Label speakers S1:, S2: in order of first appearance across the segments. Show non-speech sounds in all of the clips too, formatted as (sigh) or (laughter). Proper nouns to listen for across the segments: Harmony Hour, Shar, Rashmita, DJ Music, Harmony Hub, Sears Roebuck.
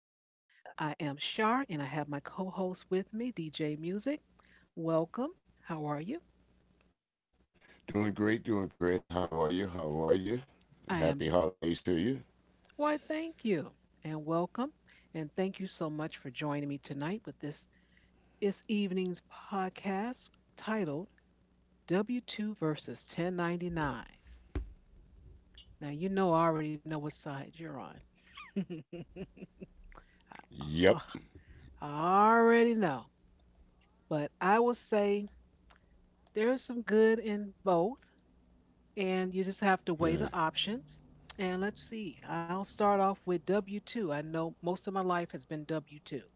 S1: I am Shar, and I have my co host with me, DJ Music. Welcome. How are you?
S2: Doing great, doing great. How are you? How are you?
S1: I
S2: Happy
S1: am,
S2: holidays to you.
S1: why, thank you, and welcome. And thank you so much for joining me tonight with this evening's podcast titled W2 versus 1099. Now, you know, I already know what side you're on. (laughs) Oh,
S2: Yep.
S1: I already know. But I will say there's some good in both, and you just have to weigh the options. And let's see, I'll start off with W 2. I know most of my life has been W 2.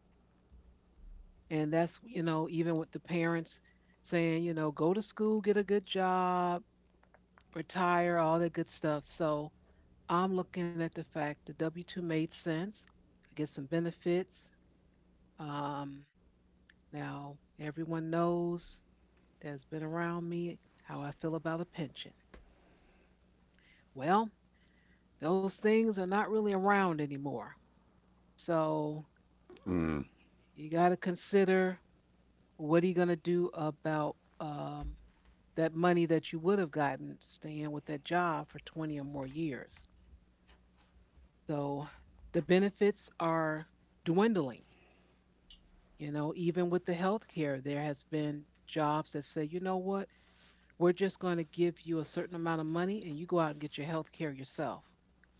S1: And that's, you know, even with the parents saying, you know, go to school, get a good job, retire, all that good stuff. So I'm looking at the fact the W 2 made sense. I get some benefits. Um, Now, everyone knows that's been around me how I feel about a pension. Well, those things are not really around anymore. So you got to consider what are you going to do about that money that you would have gotten staying with that job for 20 or more years. So the benefits are dwindling. You know, even with the health care, there has been jobs that say, you know what, we're just going to give you a certain amount of money and you go out and get your health care yourself.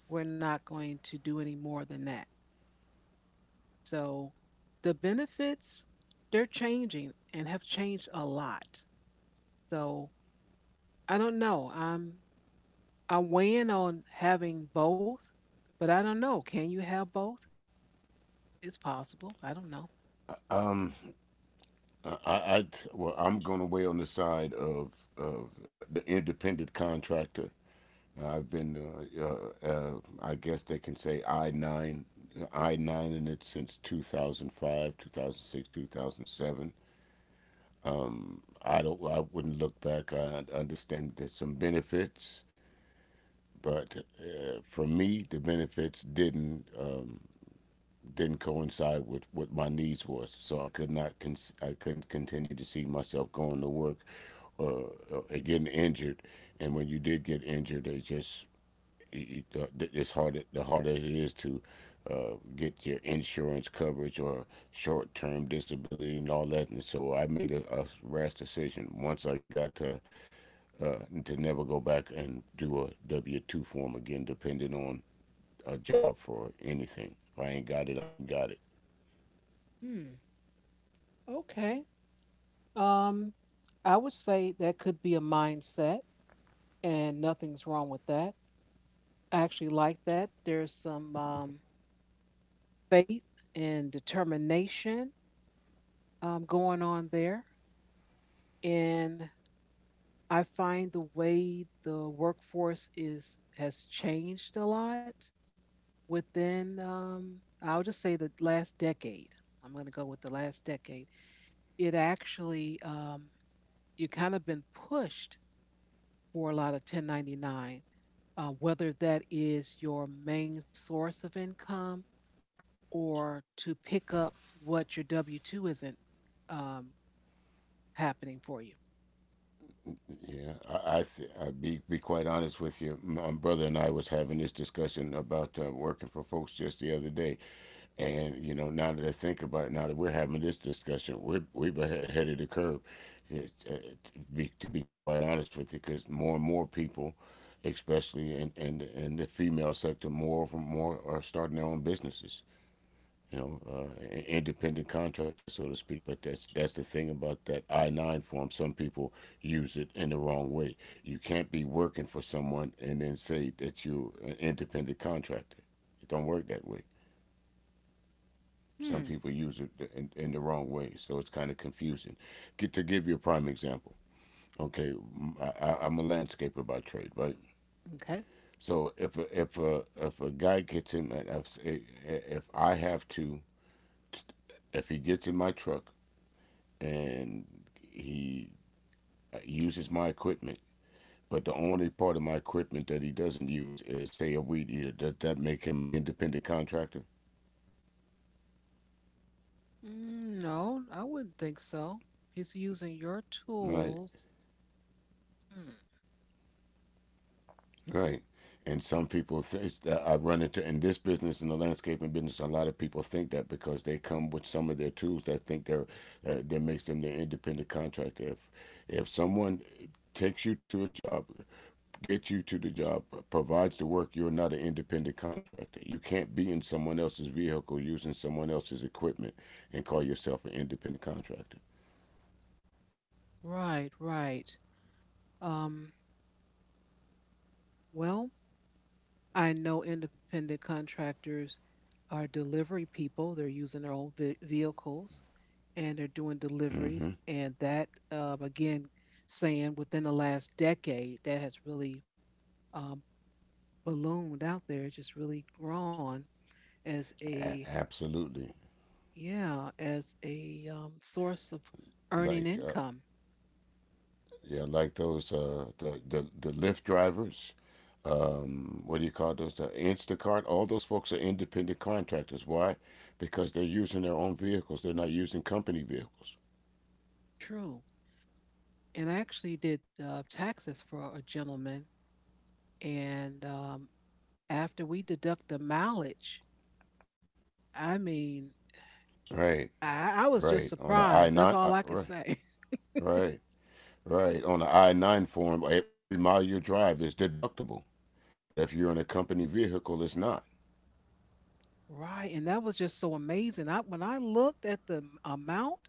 S1: We're not going to do any more than that. So the benefits, they're changing and have changed a lot. So I don't know. I'm weighing on having both, but I don't know. Can you have both? It's possible. I don't know.
S2: I well, I'm going to weigh on the side of of the independent contractor. I've been, I guess they can say I nine in it since 2005, 2006, 2007. I wouldn't look back. I understand there's some benefits, but for me, the benefits didn't coincide with what my needs was. So I could not I couldn't continue to see myself going to work or getting injured. And when you did get injured, they just it's hard the harder it is to get your insurance coverage or short term disability and all that. And so I made a rash decision once I got to never go back and do a W two form again, depending on a job for anything. If I ain't got it, I ain't got it.
S1: Hmm. Okay. Um, I would say that could be a mindset, and nothing's wrong with that. I actually like that. There's some faith and determination going on there, and I find the way the workforce is has changed a lot, within I'll just say the last decade. I'm going to go with the last decade. It actually you kind of been pushed for a lot of 1099, whether that is your main source of income or to pick up what your W two isn't um, happening for you.
S2: Yeah, I be quite honest with you. My brother and I was having this discussion about working for folks just the other day, and you know, now that I think about it, now that we're having this discussion, we're ahead of the curve. It's, to be quite honest with you, because more and more people, especially in the female sector, more are starting their own businesses, you know, independent contractor, so to speak. But that's the thing about that I nine form. Some people use it in the wrong way. You can't be working for someone and then say that you're an independent contractor. It don't work that way. Some
S1: Hmm.
S2: people use it in the wrong way, so it's kind of confusing. Get to give you a prime example. Okay, I am a landscaper by trade, right?
S1: Okay.
S2: So if a guy gets in, if I have to if he gets in my truck and he uses my equipment. But the only part of my equipment that he doesn't use is, say, a weed eater. Does that make him an independent contractor?
S1: Mm, no, I wouldn't think so. He's using your
S2: Right.
S1: tools. Hmm.
S2: Right. And some people think that I run into in this business, in the landscaping business, a lot of people think that because they come with some of their tools that think they're that makes them their independent contractor. If someone takes you to a job, gets you to the job, provides the work, you're not an independent contractor. You can't be in someone else's vehicle using someone else's equipment and call yourself an independent contractor.
S1: Right. Right. Um. Well, I know independent contractors are delivery people. They're using their own vehicles and they're doing deliveries.
S2: Mm-hmm.
S1: And that, again, saying within the last decade, that has really um, ballooned out there. It's just really grown as
S2: A-
S1: a,
S2: absolutely.
S1: yeah, as a source of earning
S2: Like uh,
S1: income.
S2: Yeah, like those the Lyft drivers. What do you call those? The Instacart. All those folks are independent contractors. Why? Because they're using their own vehicles. They're not using company vehicles.
S1: True. And I actually did taxes for a gentleman. And after we deduct the mileage, I mean,
S2: Right,
S1: I was just
S2: right. On the I
S1: surprised. That's
S2: nine,
S1: all I could say. (laughs)
S2: right, right. On the I nine form, every mile you drive is deductible. But if you're in a company vehicle, it's not.
S1: Right. And that was just so amazing. I when I looked at the amount,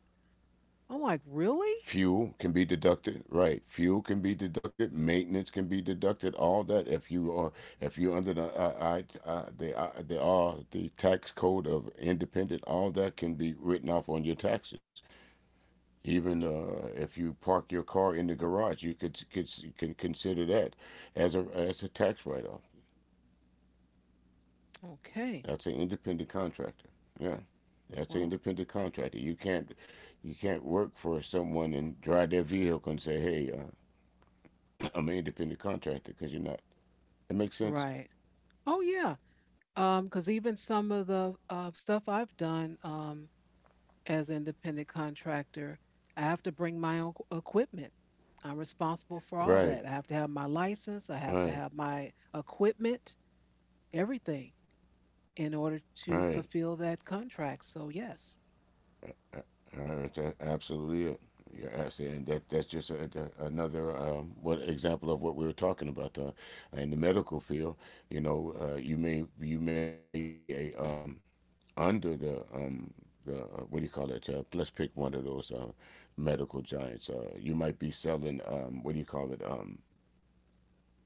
S1: I'm like, really?
S2: Fuel can be deducted, right? Fuel can be deducted. Maintenance can be deducted. All that if you are if you're under the the R, the tax code of independent, all that can be written off on your taxes. Even if you park your car in the garage, you could can consider that as a tax write off.
S1: Okay.
S2: That's an independent contractor. Yeah. That's an
S1: Well,
S2: independent contractor. You can't work for someone and drive their vehicle and say, "Hey, I'm an independent contractor," because you're not. That makes sense?
S1: right. Oh yeah. 'Cause because even some of the stuff I've done as independent contractor, I have to bring my own equipment. I'm responsible for all
S2: Right,
S1: that. I have to have my license, I have to
S2: right,
S1: have my equipment, everything in order
S2: right.
S1: to
S2: Right?
S1: fulfill that contract. So yes.
S2: That's absolutely it. You're asking that that's just another what example of what we were talking about in the medical field. You know, you may be a under the the uh, what do you call it? Let's pick one of those medical giants. You might be selling what do you call it?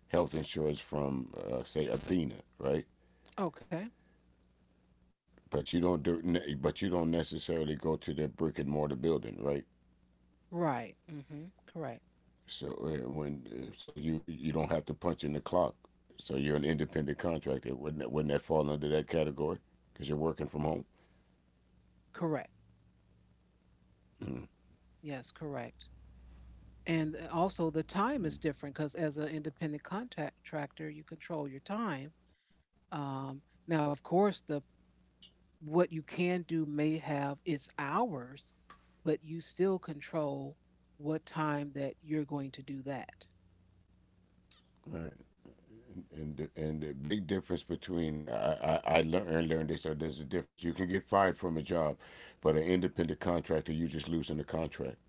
S2: Health insurance from say Athena, right?
S1: Okay.
S2: But you don't do, but you don't necessarily go to that brick and mortar building, right?
S1: Right. Hmm. Correct.
S2: So so you don't have to punch in the clock. So you're an independent contractor. Wouldn't that fall under that category? Because you're working from home.
S1: Correct.
S2: Mm-hmm.
S1: Yes, correct. And also the time is different because as an independent contractor, you control your time. Um, Now, of course, the what you can do may have its hours, but you still control what time that you're going to do that.
S2: Right, and the big difference between I learned this. So there's a difference. You can get fired from a job, but an independent contractor, you just losing the contract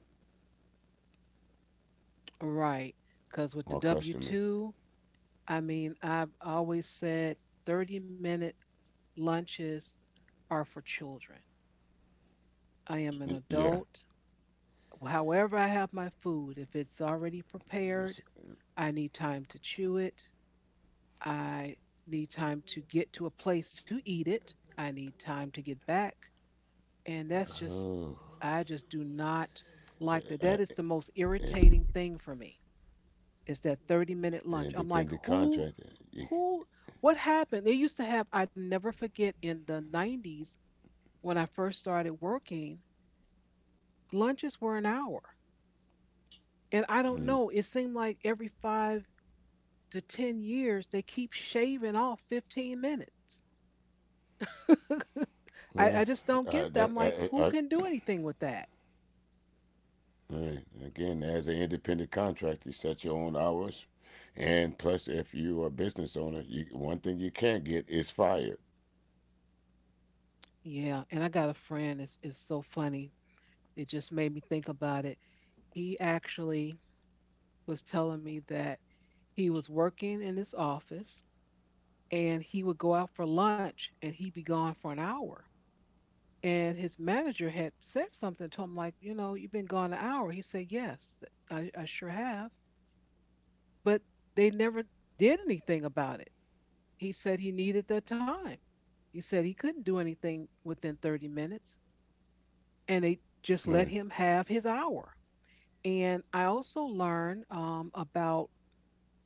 S1: Right. Because with the
S2: or
S1: W
S2: customer.
S1: 2, I mean, I've always said 30-minute lunches are for children. I am an
S2: Yeah.
S1: adult. However, I have my food, if it's already prepared, I need time to chew it. I need time to get to a place to eat it. I need time to get back. And that's just,
S2: Oh.
S1: I just do not like that.
S2: Uh,
S1: That
S2: uh,
S1: is the most
S2: and,
S1: irritating thing for me is that 30-minute lunch. I'm like,
S2: independent contractor. You,
S1: who, what happened? They used to have, I never forget in the 90s when I first started working, lunches were an hour. And I don't
S2: mm,
S1: know, it seemed like every five to 10 years, they keep shaving off 15 minutes. (laughs) I
S2: well,
S1: just don't
S2: I,
S1: get that. I'm
S2: that,
S1: like, who
S2: I,
S1: can do anything with that?
S2: hey, again, as an independent contractor, you set your own hours, and plus, if you are a business owner, one thing you can't get is fired.
S1: Yeah. And I got a friend. It's so funny. It just made me think about it. He actually was telling me that he was working in his office and he would go out for lunch and he'd be gone for an hour. And his manager had said something to him like, you know, you've been gone an hour. He said, yes, I sure have. But they never did anything about it. He said he needed that time. He said he couldn't do anything within 30 minutes, and they just let
S2: Mm.
S1: him have his hour. And I also learned about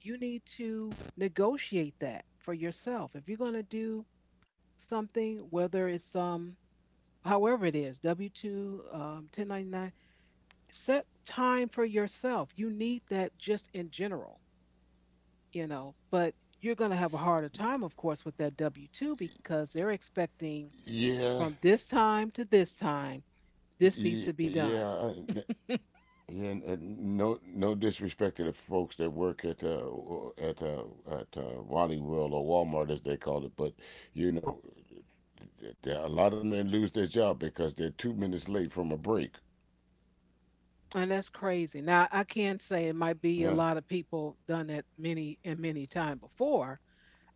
S1: you need to negotiate that for yourself. If you're going to do something, whether it's however it is, W 2, 1099, set time for yourself. You need that just in general, you know, but you're going to have a harder time, of course, with that W 2 because they're expecting from
S2: Yeah,
S1: this time to this time, this needs to
S2: yeah,
S1: be done.
S2: yeah. I- yeah. No, no disrespect to the folks that work at at uh, Wally World or Walmart as they call it, but you know, a lot of them lose their job because they're 2 minutes late from a break.
S1: And that's crazy. Now, I can say it might be a
S2: Yeah,
S1: lot of people done that many and many time before.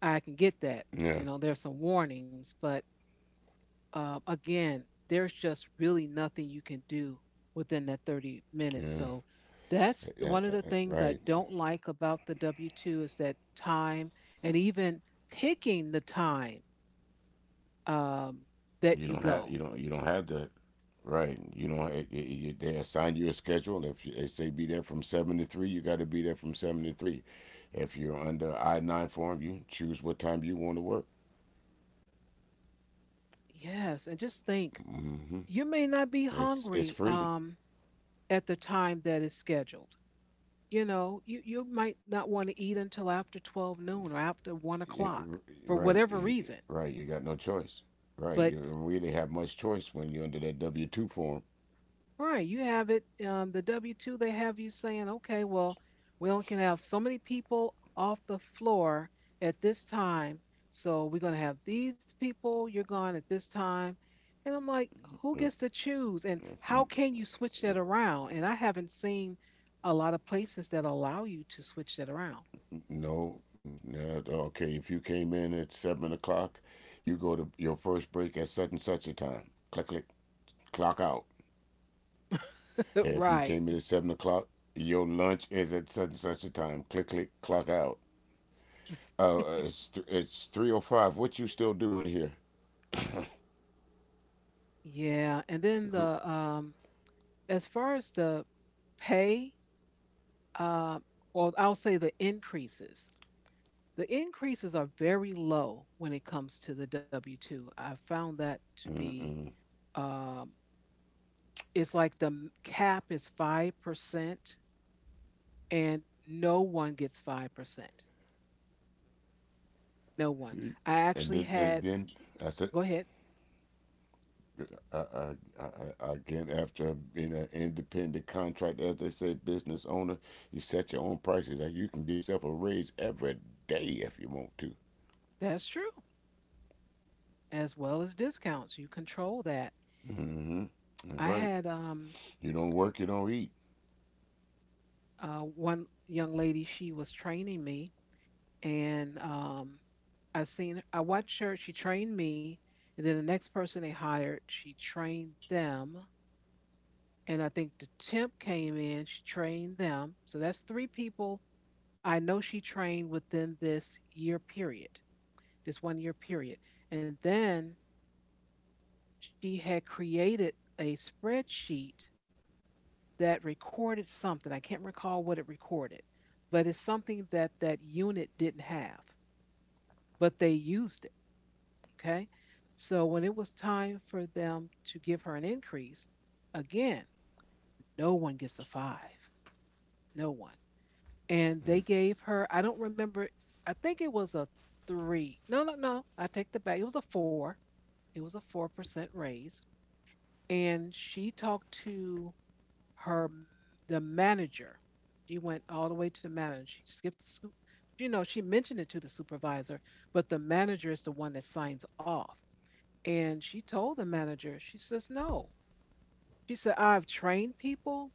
S1: I can get that.
S2: yeah,
S1: You know, there's some warnings, but again, there's just really nothing you can do within that 30 minutes.
S2: yeah.
S1: So that's one of the things I
S2: Right.
S1: don't like about the W 2 is that time and even picking the time um, that you go.
S2: You don't have that, right? You don't. They assign you a schedule. If you, They say be there from 7 to 3, you got to be there from 7 to 3. If you're under I nine form, you choose what time you want to work.
S1: Yes. And just think
S2: Hmm.
S1: you may not be
S2: It's
S1: hungry
S2: freedom.
S1: at the time that is scheduled. You know, you might not want to eat until after 12 noon or after 1
S2: Y-
S1: o'clock
S2: r-
S1: for
S2: right?
S1: whatever
S2: y-
S1: reason.
S2: Right. You got no choice.
S1: But
S2: Right, you don't really have much choice when you're under that W two form.
S1: right. You have it, the W-2, they have you saying, okay, well, we only can have so many people off the floor at this time. So we're going to have these people, you're gone at this time. And I'm like, who gets to choose? And
S2: You
S1: how can you switch that around? And I haven't seen a lot of places that allow you to switch that around.
S2: No, no, okay. If you came in at 7 o'clock, you go to your first break at such and such a time. Click, click, clock out.
S1: (laughs)
S2: If you
S1: Right.
S2: came in at 7 o'clock, your lunch is at such and such a time. Click, click, clock out. It's 3:05. What you still doing here?
S1: Yeah, and then
S2: Who?
S1: the as far as the pay, uh, well, I'll say the increases. The increases are very low when it comes to the W 2. I found that to be,
S2: Mm-mm.
S1: um, it's like the cap is 5%, and no one gets 5%. No one. I actually
S2: And
S1: had,
S2: then I said,
S1: go ahead,
S2: I, I, I- again, after being an independent contractor, as they say, business owner, you set your own prices. Like you can give yourself a raise every day if you want to.
S1: that's true, as well as discounts. You control that.
S2: Hmm. That's
S1: I
S2: right.
S1: had
S2: You don't work, you don't eat.
S1: one young lady, she was training me, and I seen, I watched her, she trained me, and then the next person they hired, she trained them, and I think the temp came in. She trained them. So that's three people I know she trained within this year period, this 1 year period. And then she had created a spreadsheet that recorded something. I can't recall what it recorded, but it's something that that unit didn't have, but they used it. Okay. So when it was time for them to give her an increase, again, no one gets a five. No one. And they gave her, I don't remember, I think it was a three, no, I take that back, it was a four, it was a 4% raise. And she talked to her the manager. She went all the way to the manager. She skipped the scoop, you know, she mentioned it to the supervisor, but the manager is the one that signs off. And she told the manager, she says no. She said, I've trained people,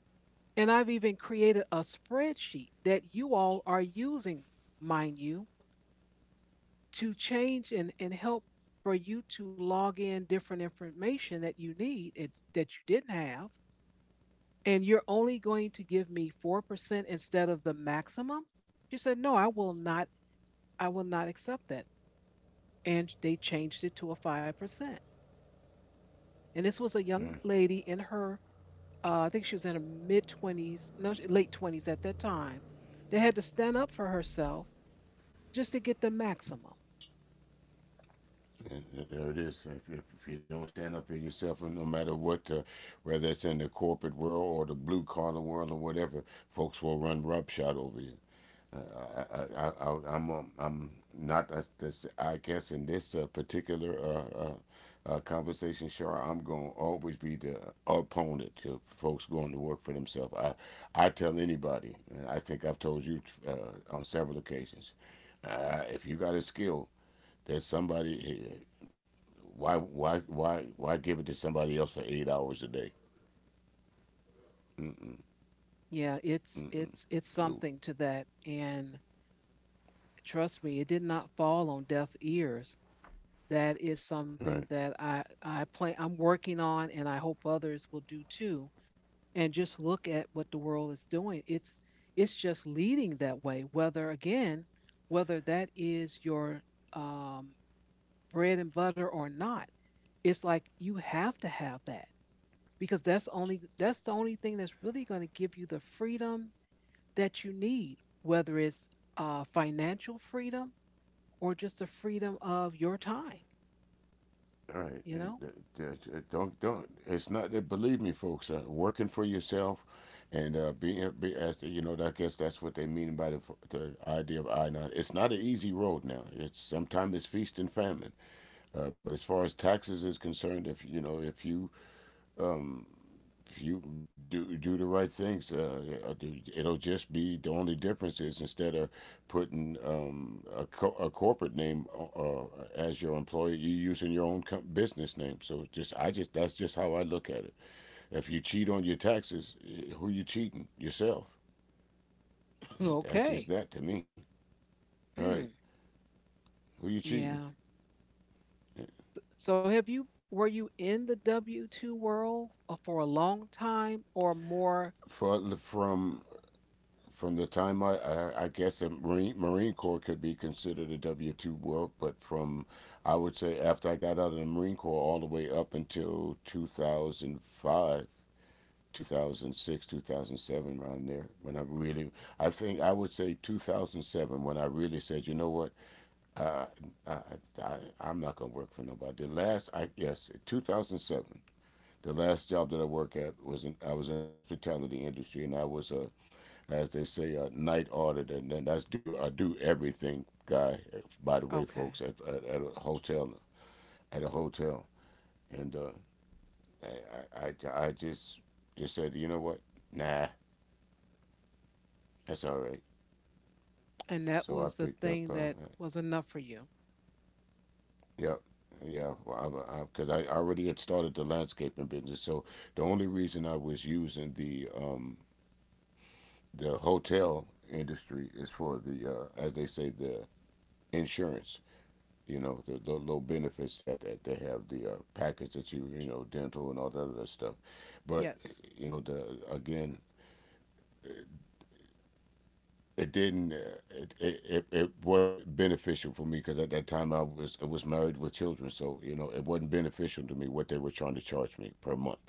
S1: and I've even created a spreadsheet that you all are using, mind you, to change and help, for you to log in different information that you need it, that you didn't have, and you're only going to give me 4% instead of the maximum. She said no, I will not. I will not accept that. And they changed it to a 5%. And this was a
S2: Mm-hmm.
S1: young lady in her I think she was in her mid 20s, no, late 20s at that time, that had to stand up for herself just to get the maximum.
S2: And there it is. If you don't stand up for yourself, and no matter what, whether it's in the corporate world or the blue collar world or whatever, folks will run roughshod over you. I, I'm not. I guess in this particular conversation, sure, I'm gonna always be the opponent to folks going to work for themselves. I tell anybody, and I think I've told you on several occasions, if you got a skill, there's somebody. Why give it to somebody else for 8 hours a day?
S1: Yeah, it's
S2: No,
S1: something to that. And trust me, it did not fall on deaf ears. That is
S2: right?
S1: something that I plan, I'm working on, and I hope others will do too. And just look at what the world is doing. It's just leading that way, whether again, whether that is your um, bread and butter or not. It's like you have to have that because that's the only thing that's really going to give you the freedom that you need, whether it's financial freedom or just the freedom of your time,
S2: All right,
S1: you know?
S2: and th- th- don't don't. It's not that. Believe me, folks. Working for yourself, and as the, you know, I guess that's what they mean by the idea of I nine. It's not an easy road now. It's sometimes it's feast and famine. But as far as taxes is concerned, if you know, if you um, you do do the right things. It'll just be, the only difference is instead of putting a corporate name as your employee, you using your own business name. So just I just that's just how I look at it. If you cheat on your taxes, eh, who you cheating? Yourself.
S1: (laughs)
S2: That's just
S1: Okay.
S2: that to me. All right,
S1: Mm,
S2: who you cheating?
S1: yeah.
S2: Eh.
S1: So have you were you in the W2 world for a long time or more?
S2: For, From the time I guess the Marine Corps could be considered a W 2 work, but from, I would say, after I got out of the Marine Corps all the way up until 2005, 2006, 2007, around there, when I really, I think I would say 2007, when I really said, you know what, uh, I, I'm not going to work for nobody. The last, I yes, 2007. The last job that I worked at was in, I was in the hospitality industry, and I was a, as they say, a night audit, and then that's do a do everything guy. By the way, folks,
S1: Okay.
S2: at a hotel, and I just said, you know what? Nah, that's all right.
S1: And that
S2: So I
S1: was the
S2: picked up.
S1: thing that was enough for you.
S2: Yep. Yeah, because well, because already had started the landscaping business, so the only reason I was using the hotel industry is for the, as they say, the insurance. The low benefits that they have, the package that you know dental and all that other stuff. But
S1: Yes.
S2: you know the again it didn't it wasn't beneficial for me because at that time I was married with children, so you know it wasn't beneficial to me what they were trying to charge me per month.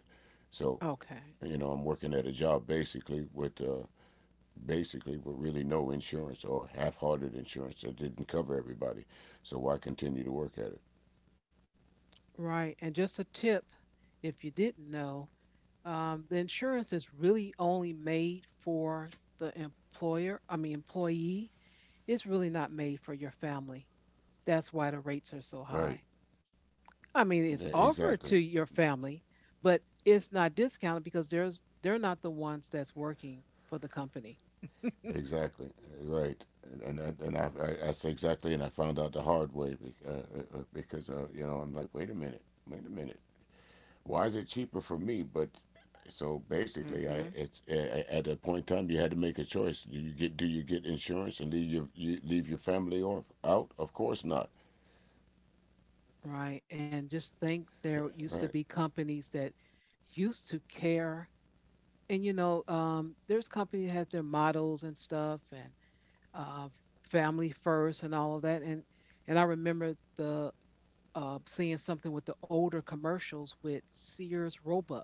S2: So
S1: Okay.
S2: you know I'm working at a job basically with really no insurance, or half-hearted insurance that didn't cover everybody. So why continue to work at it?
S1: Right. And just a tip, if you didn't know, the insurance is really only made for the employer, I mean employee. It's really not made for your family. That's why the rates are so
S2: Right.
S1: high. I mean,
S2: Yeah,
S1: it's offered
S2: exactly.
S1: to your family, but it's not discounted because there's they're not the ones that's working for the company.
S2: Exactly. Right, and I say exactly, and I found out the hard way because you know, I'm like, wait a minute, why is it cheaper for me? But so basically,
S1: Mm-hmm.
S2: at a point in time you had to make a choice. Do you get insurance and leave your you leave your family or out? Of course not.
S1: Right? And just think there used
S2: Right.
S1: to be companies that used to care, and there's companies that have their models and stuff, and uh, family first, and all of that. And I remember the seeing something with the older commercials with Sears Roebuck.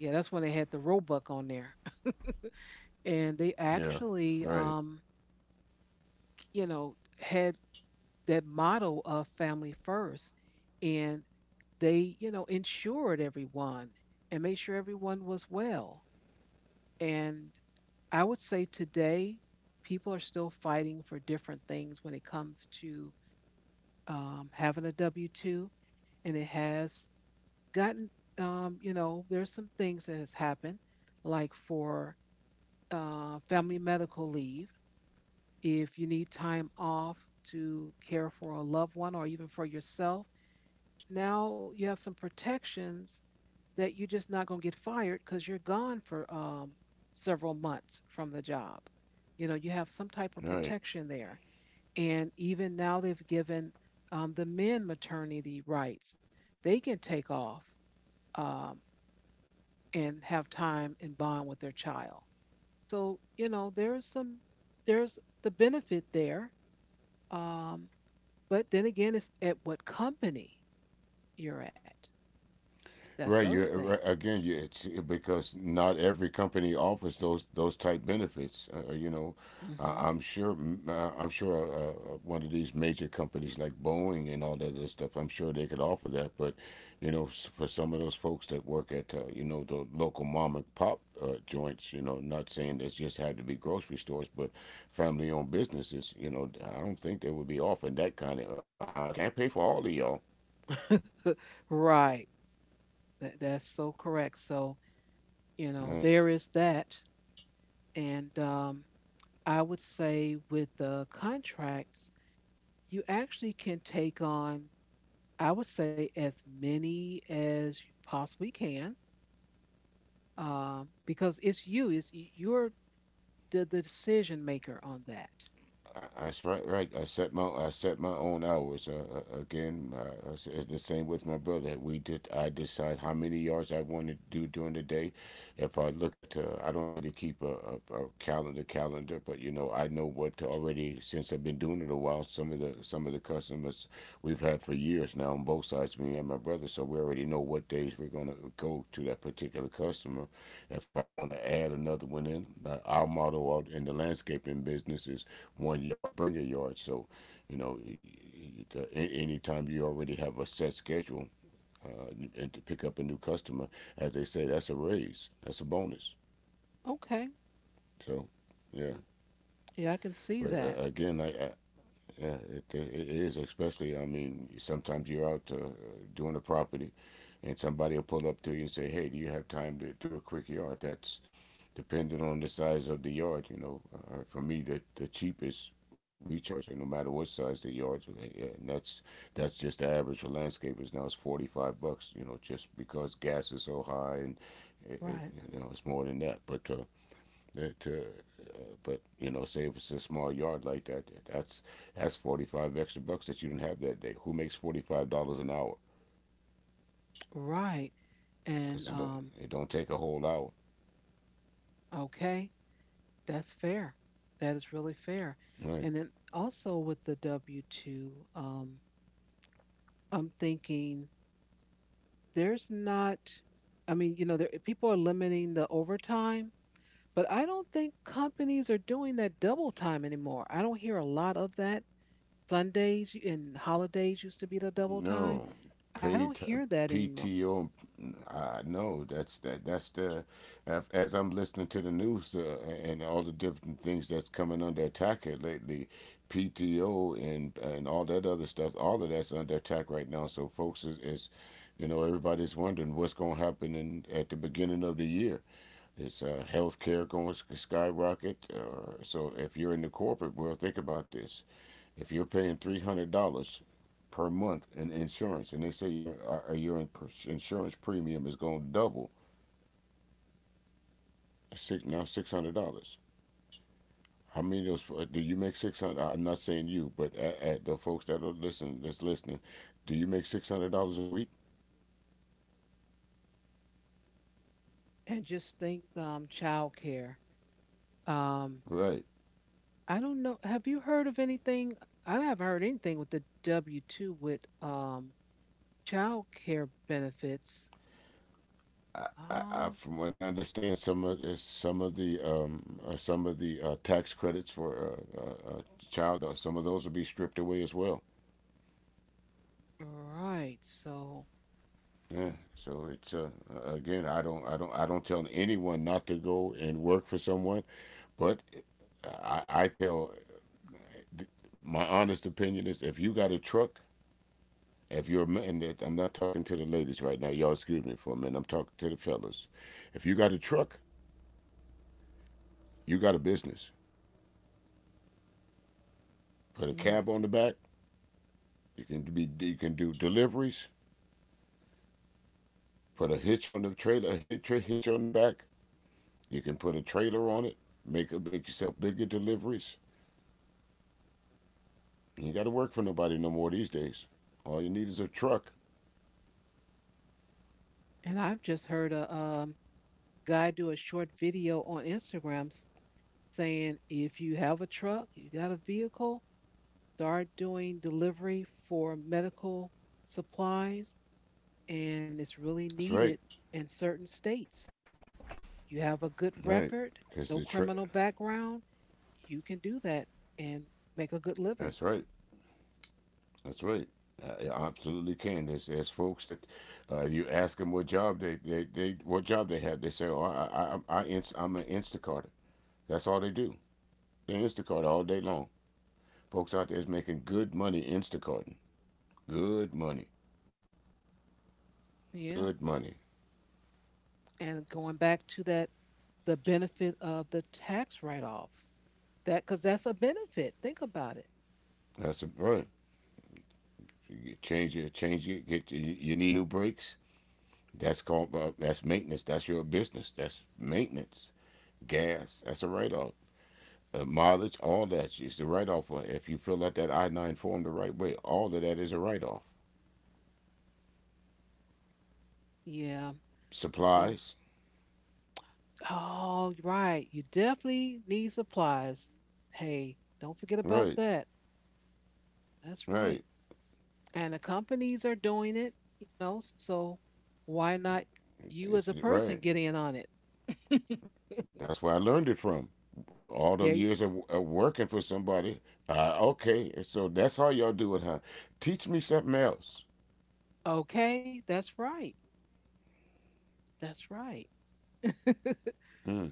S1: Yeah, that's when they had the Roebuck on there and they
S2: Yeah.
S1: actually
S2: Right.
S1: had that motto of family first, and they insured everyone and made sure everyone was well. And I would say today people are still fighting for different things when it comes to having a w2, and it has gotten there's some things that has happened, like for family medical leave. If you need time off to care for a loved one or even for yourself, now you have some protections that you're just not going to get fired because you're gone for several months from the job. You know, you have some type of
S2: Right.
S1: protection there. And even now they've given the men maternity rights. They can take off um, and have time and bond with their child. So, you know, there's some, there's the benefit there. Um, But then again, it's at what company you're at. That's
S2: Right.
S1: the
S2: You
S1: other thing.
S2: right, again. It's because not every company offers those type benefits. You know,
S1: Mm-hmm.
S2: I'm sure. I'm sure one of these major companies like Boeing and all that other stuff. I'm sure they could offer that. But you know, for some of those folks that work at you know, the local mom and pop joints, you know, not saying this just had to be grocery stores, but family owned businesses. You know, I don't think they would be offering that kind of. I can't pay for all of y'all.
S1: (laughs) Right. That's so correct. So, you know,
S2: Uh,
S1: there is that. And I would say with the contracts, you actually can take on, I would say, as many as you possibly can because you're the decision maker on that.
S2: I right, right. I set my own hours. Again, it's the same with my brother. We did. I decide how many yards I want to do during the day. If I look at, I don't really keep a calendar calendar, but you know, I know what already since I've been doing it a while. Some of the customers we've had for years now on both sides, me and my brother, so we already know what days we're gonna go to that particular customer. If I want to add another one in, our motto out in the landscaping business is 1 yard, bring a yard. So, you know, anytime you already have a set schedule uh, and to pick up a new customer, as they say, that's a raise, that's a bonus.
S1: Okay.
S2: So, yeah.
S1: Yeah, I can see
S2: But
S1: that.
S2: again, I yeah, it is, especially. I mean, sometimes you're out doing a property, and somebody will pull up to you and say, "Hey, do you have time to do a quick yard?" That's depending on the size of the yard. You know, for me, the cheapest we charge, no matter what size the yard, and that's just the average for landscapers. Now it's 45 bucks. You know, just because gas is so high, it, it,
S1: Right.
S2: you know, it's more than that. But it, uh, but you know, say if it's a small yard like that, that's that's 45 extra bucks that you didn't have that day. Who makes $45 an hour?
S1: Right. And
S2: Because it don't, it don't take a whole hour.
S1: okay, that's fair. That is really fair.
S2: Right.
S1: And then also with the W two, I'm thinking there's not. I mean, you know, there, people are limiting the overtime, but I don't think companies are doing that double time anymore. I don't hear a lot of that. Sundays and holidays used to be the double time.
S2: No,
S1: I don't
S2: paid t-
S1: hear that anymore.
S2: PTO. I know that's that. That's as I'm listening to the news and all the different things that's coming under attack here lately. PTO and all that other stuff. All of that's under attack right now. So folks is you know, everybody's wondering what's going to happen in at the beginning of the year. Is healthcare going to skyrocket? So if you're in the corporate world, think about this. If you're paying $300 per month in insurance, and they say your insurance premium is going to double, $600. How many of those do you make 600? I'm not saying you, but at the folks that are listening, that's listening, do you make $600 a week?
S1: And just think, childcare. Um,
S2: Right.
S1: I don't know. Have you heard of anything? I haven't heard anything with the W two with child care benefits. Um,
S2: From what I understand, some of the tax credits for uh, child, some of those will be stripped away as well.
S1: right. So,
S2: Yeah. So it's again, I don't tell anyone not to go and work for someone, but I tell, my honest opinion is if you got a truck, if you're a man, I'm not talking to the ladies right now. Y'all excuse me for a minute. I'm talking to the fellas. If you got a truck, you got a business. Put a
S1: hmm.
S2: cab on the back. You can do deliveries. Put a hitch on the trailer, a hitch, hitch on the back. You can put a trailer on it. Make yourself bigger deliveries. You got to work for nobody no more these days. All you need is a truck.
S1: And I've just heard a guy do a short video on Instagram saying if you have a truck, you got a vehicle, start doing delivery for medical supplies, and it's really
S2: That's right.
S1: needed in certain states. You have a good
S2: Right.
S1: record,
S2: Cause the
S1: no
S2: truck.
S1: criminal background, you can do that and make a good
S2: That's
S1: living.
S2: right. That's right. Absolutely can. There's folks that you ask them what job they what job they have. They say, "Oh, I'm an Instacarter." That's all they do. They Instacart all day long. Folks out there is making good money Instacarting. Good money.
S1: Yeah.
S2: Good money.
S1: And going back to that, the benefit of the tax write offs, that because that's a benefit. Think about it.
S2: That's a, right. You change your get your, you need new brakes. That's called that's maintenance. That's your business. That's maintenance. Gas. That's a write off. Mileage. All that is a write off. If you fill out that I-9 form the right way, all of that is a write off.
S1: Yeah. Um,
S2: Supplies.
S1: oh, right. You definitely need supplies. Hey, don't forget about
S2: Right.
S1: that. That's
S2: Right.
S1: right. And the companies are doing it, you know, so why not you as a
S2: It's
S1: person
S2: right.
S1: get in on it? (laughs)
S2: That's where I learned it from. All them
S1: There.
S2: years of working for somebody. Okay. So that's how y'all do it, huh? Teach me something else.
S1: Okay, that's right. That's right. (laughs)
S2: Hmm.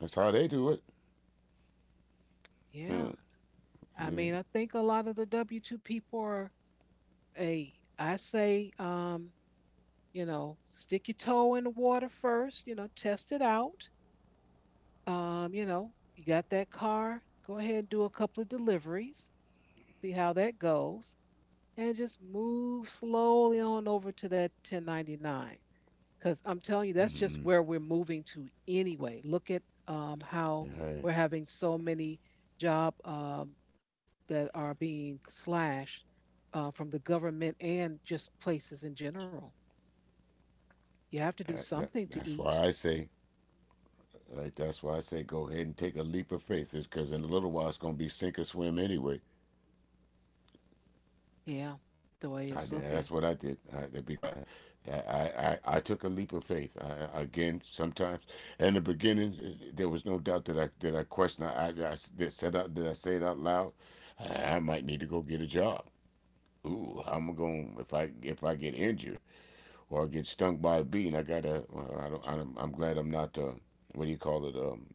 S2: That's how they do it.
S1: Yeah.
S2: Hmm.
S1: I
S2: Yeah.
S1: mean, I think a lot of the W two people are a I say, you know, stick your toe in the water first, you know, test it out. You know, you got that car, go ahead and do a couple of deliveries, see how that goes, and just move slowly on over to that 1099. Because I'm telling you, that's just where
S2: Mm-hmm.
S1: we're moving to anyway. Look at how
S2: All
S1: we're
S2: right.
S1: having so many job that are being slashed from the government and just places in general. You have to do something to
S2: That's
S1: eat.
S2: why I say, all right, that's why I say go ahead and take a leap of faith. Is because in a little while it's gonna be sink or swim anyway.
S1: Yeah, the way
S2: I
S1: it's
S2: did. That's
S1: looking.
S2: what I did. I, to be quiet. I took a leap of faith. I, again, sometimes in the beginning, there was no doubt that I questioned. I did said out did I say it out loud? I might need to go get a job. Ooh, how am I going if I get injured or I get stung by a bee and I gotta? Well, I don't. I'm glad I'm not. What do you call it? Um,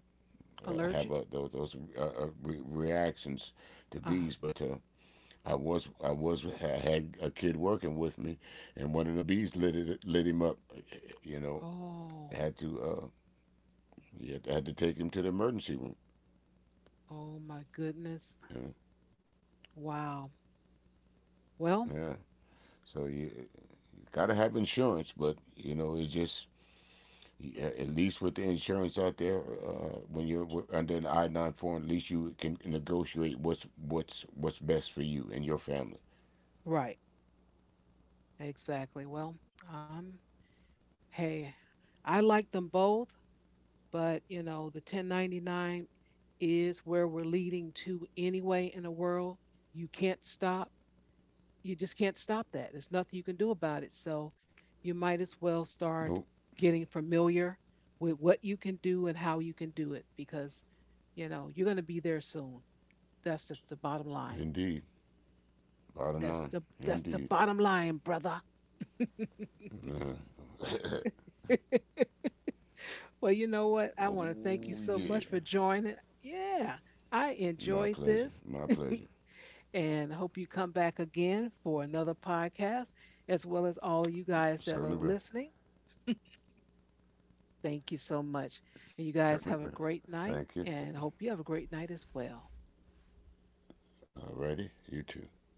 S2: uh,
S1: Allergic.
S2: Have those reactions to
S1: Uh
S2: bees.
S1: huh.
S2: But I had a kid working with me, and one of them bees lit him up. You know,
S1: Oh,
S2: had to uh, had to take him to the emergency room.
S1: oh my goodness.
S2: Yeah,
S1: Wow. Well,
S2: yeah. So you gotta have insurance, but you know it's just. Yeah, at least with the insurance out there, when you're under an I-9 form, at least you can negotiate what's best for you and your family.
S1: right. Exactly. Well, um, hey, I like them both. But you know, the 1099 is where we're leading to anyway in the world. You can't stop, you just can't stop that. There's nothing you can do about it, so you might as well start
S2: Nope,
S1: getting familiar with what you can do and how you can do it, because you know you're going to be there soon. That's just the bottom line.
S2: indeed. Bottom
S1: That's the,
S2: line,
S1: that's the
S2: indeed.
S1: bottom line, brother.
S2: (laughs)
S1: (laughs) Well, you know what, I want to thank you
S2: Oh
S1: so much for
S2: yeah,
S1: joining. Yeah, I enjoyed
S2: my
S1: this
S2: pleasure, my pleasure.
S1: and hope you come back again for another podcast, as well as all you guys that are
S2: Certainly
S1: listening.
S2: will.
S1: Thank you so much. And you guys have
S2: Certainly
S1: a
S2: will.
S1: great night,
S2: Thank you.
S1: and hope you have a great night as well.
S2: Alrighty, you too.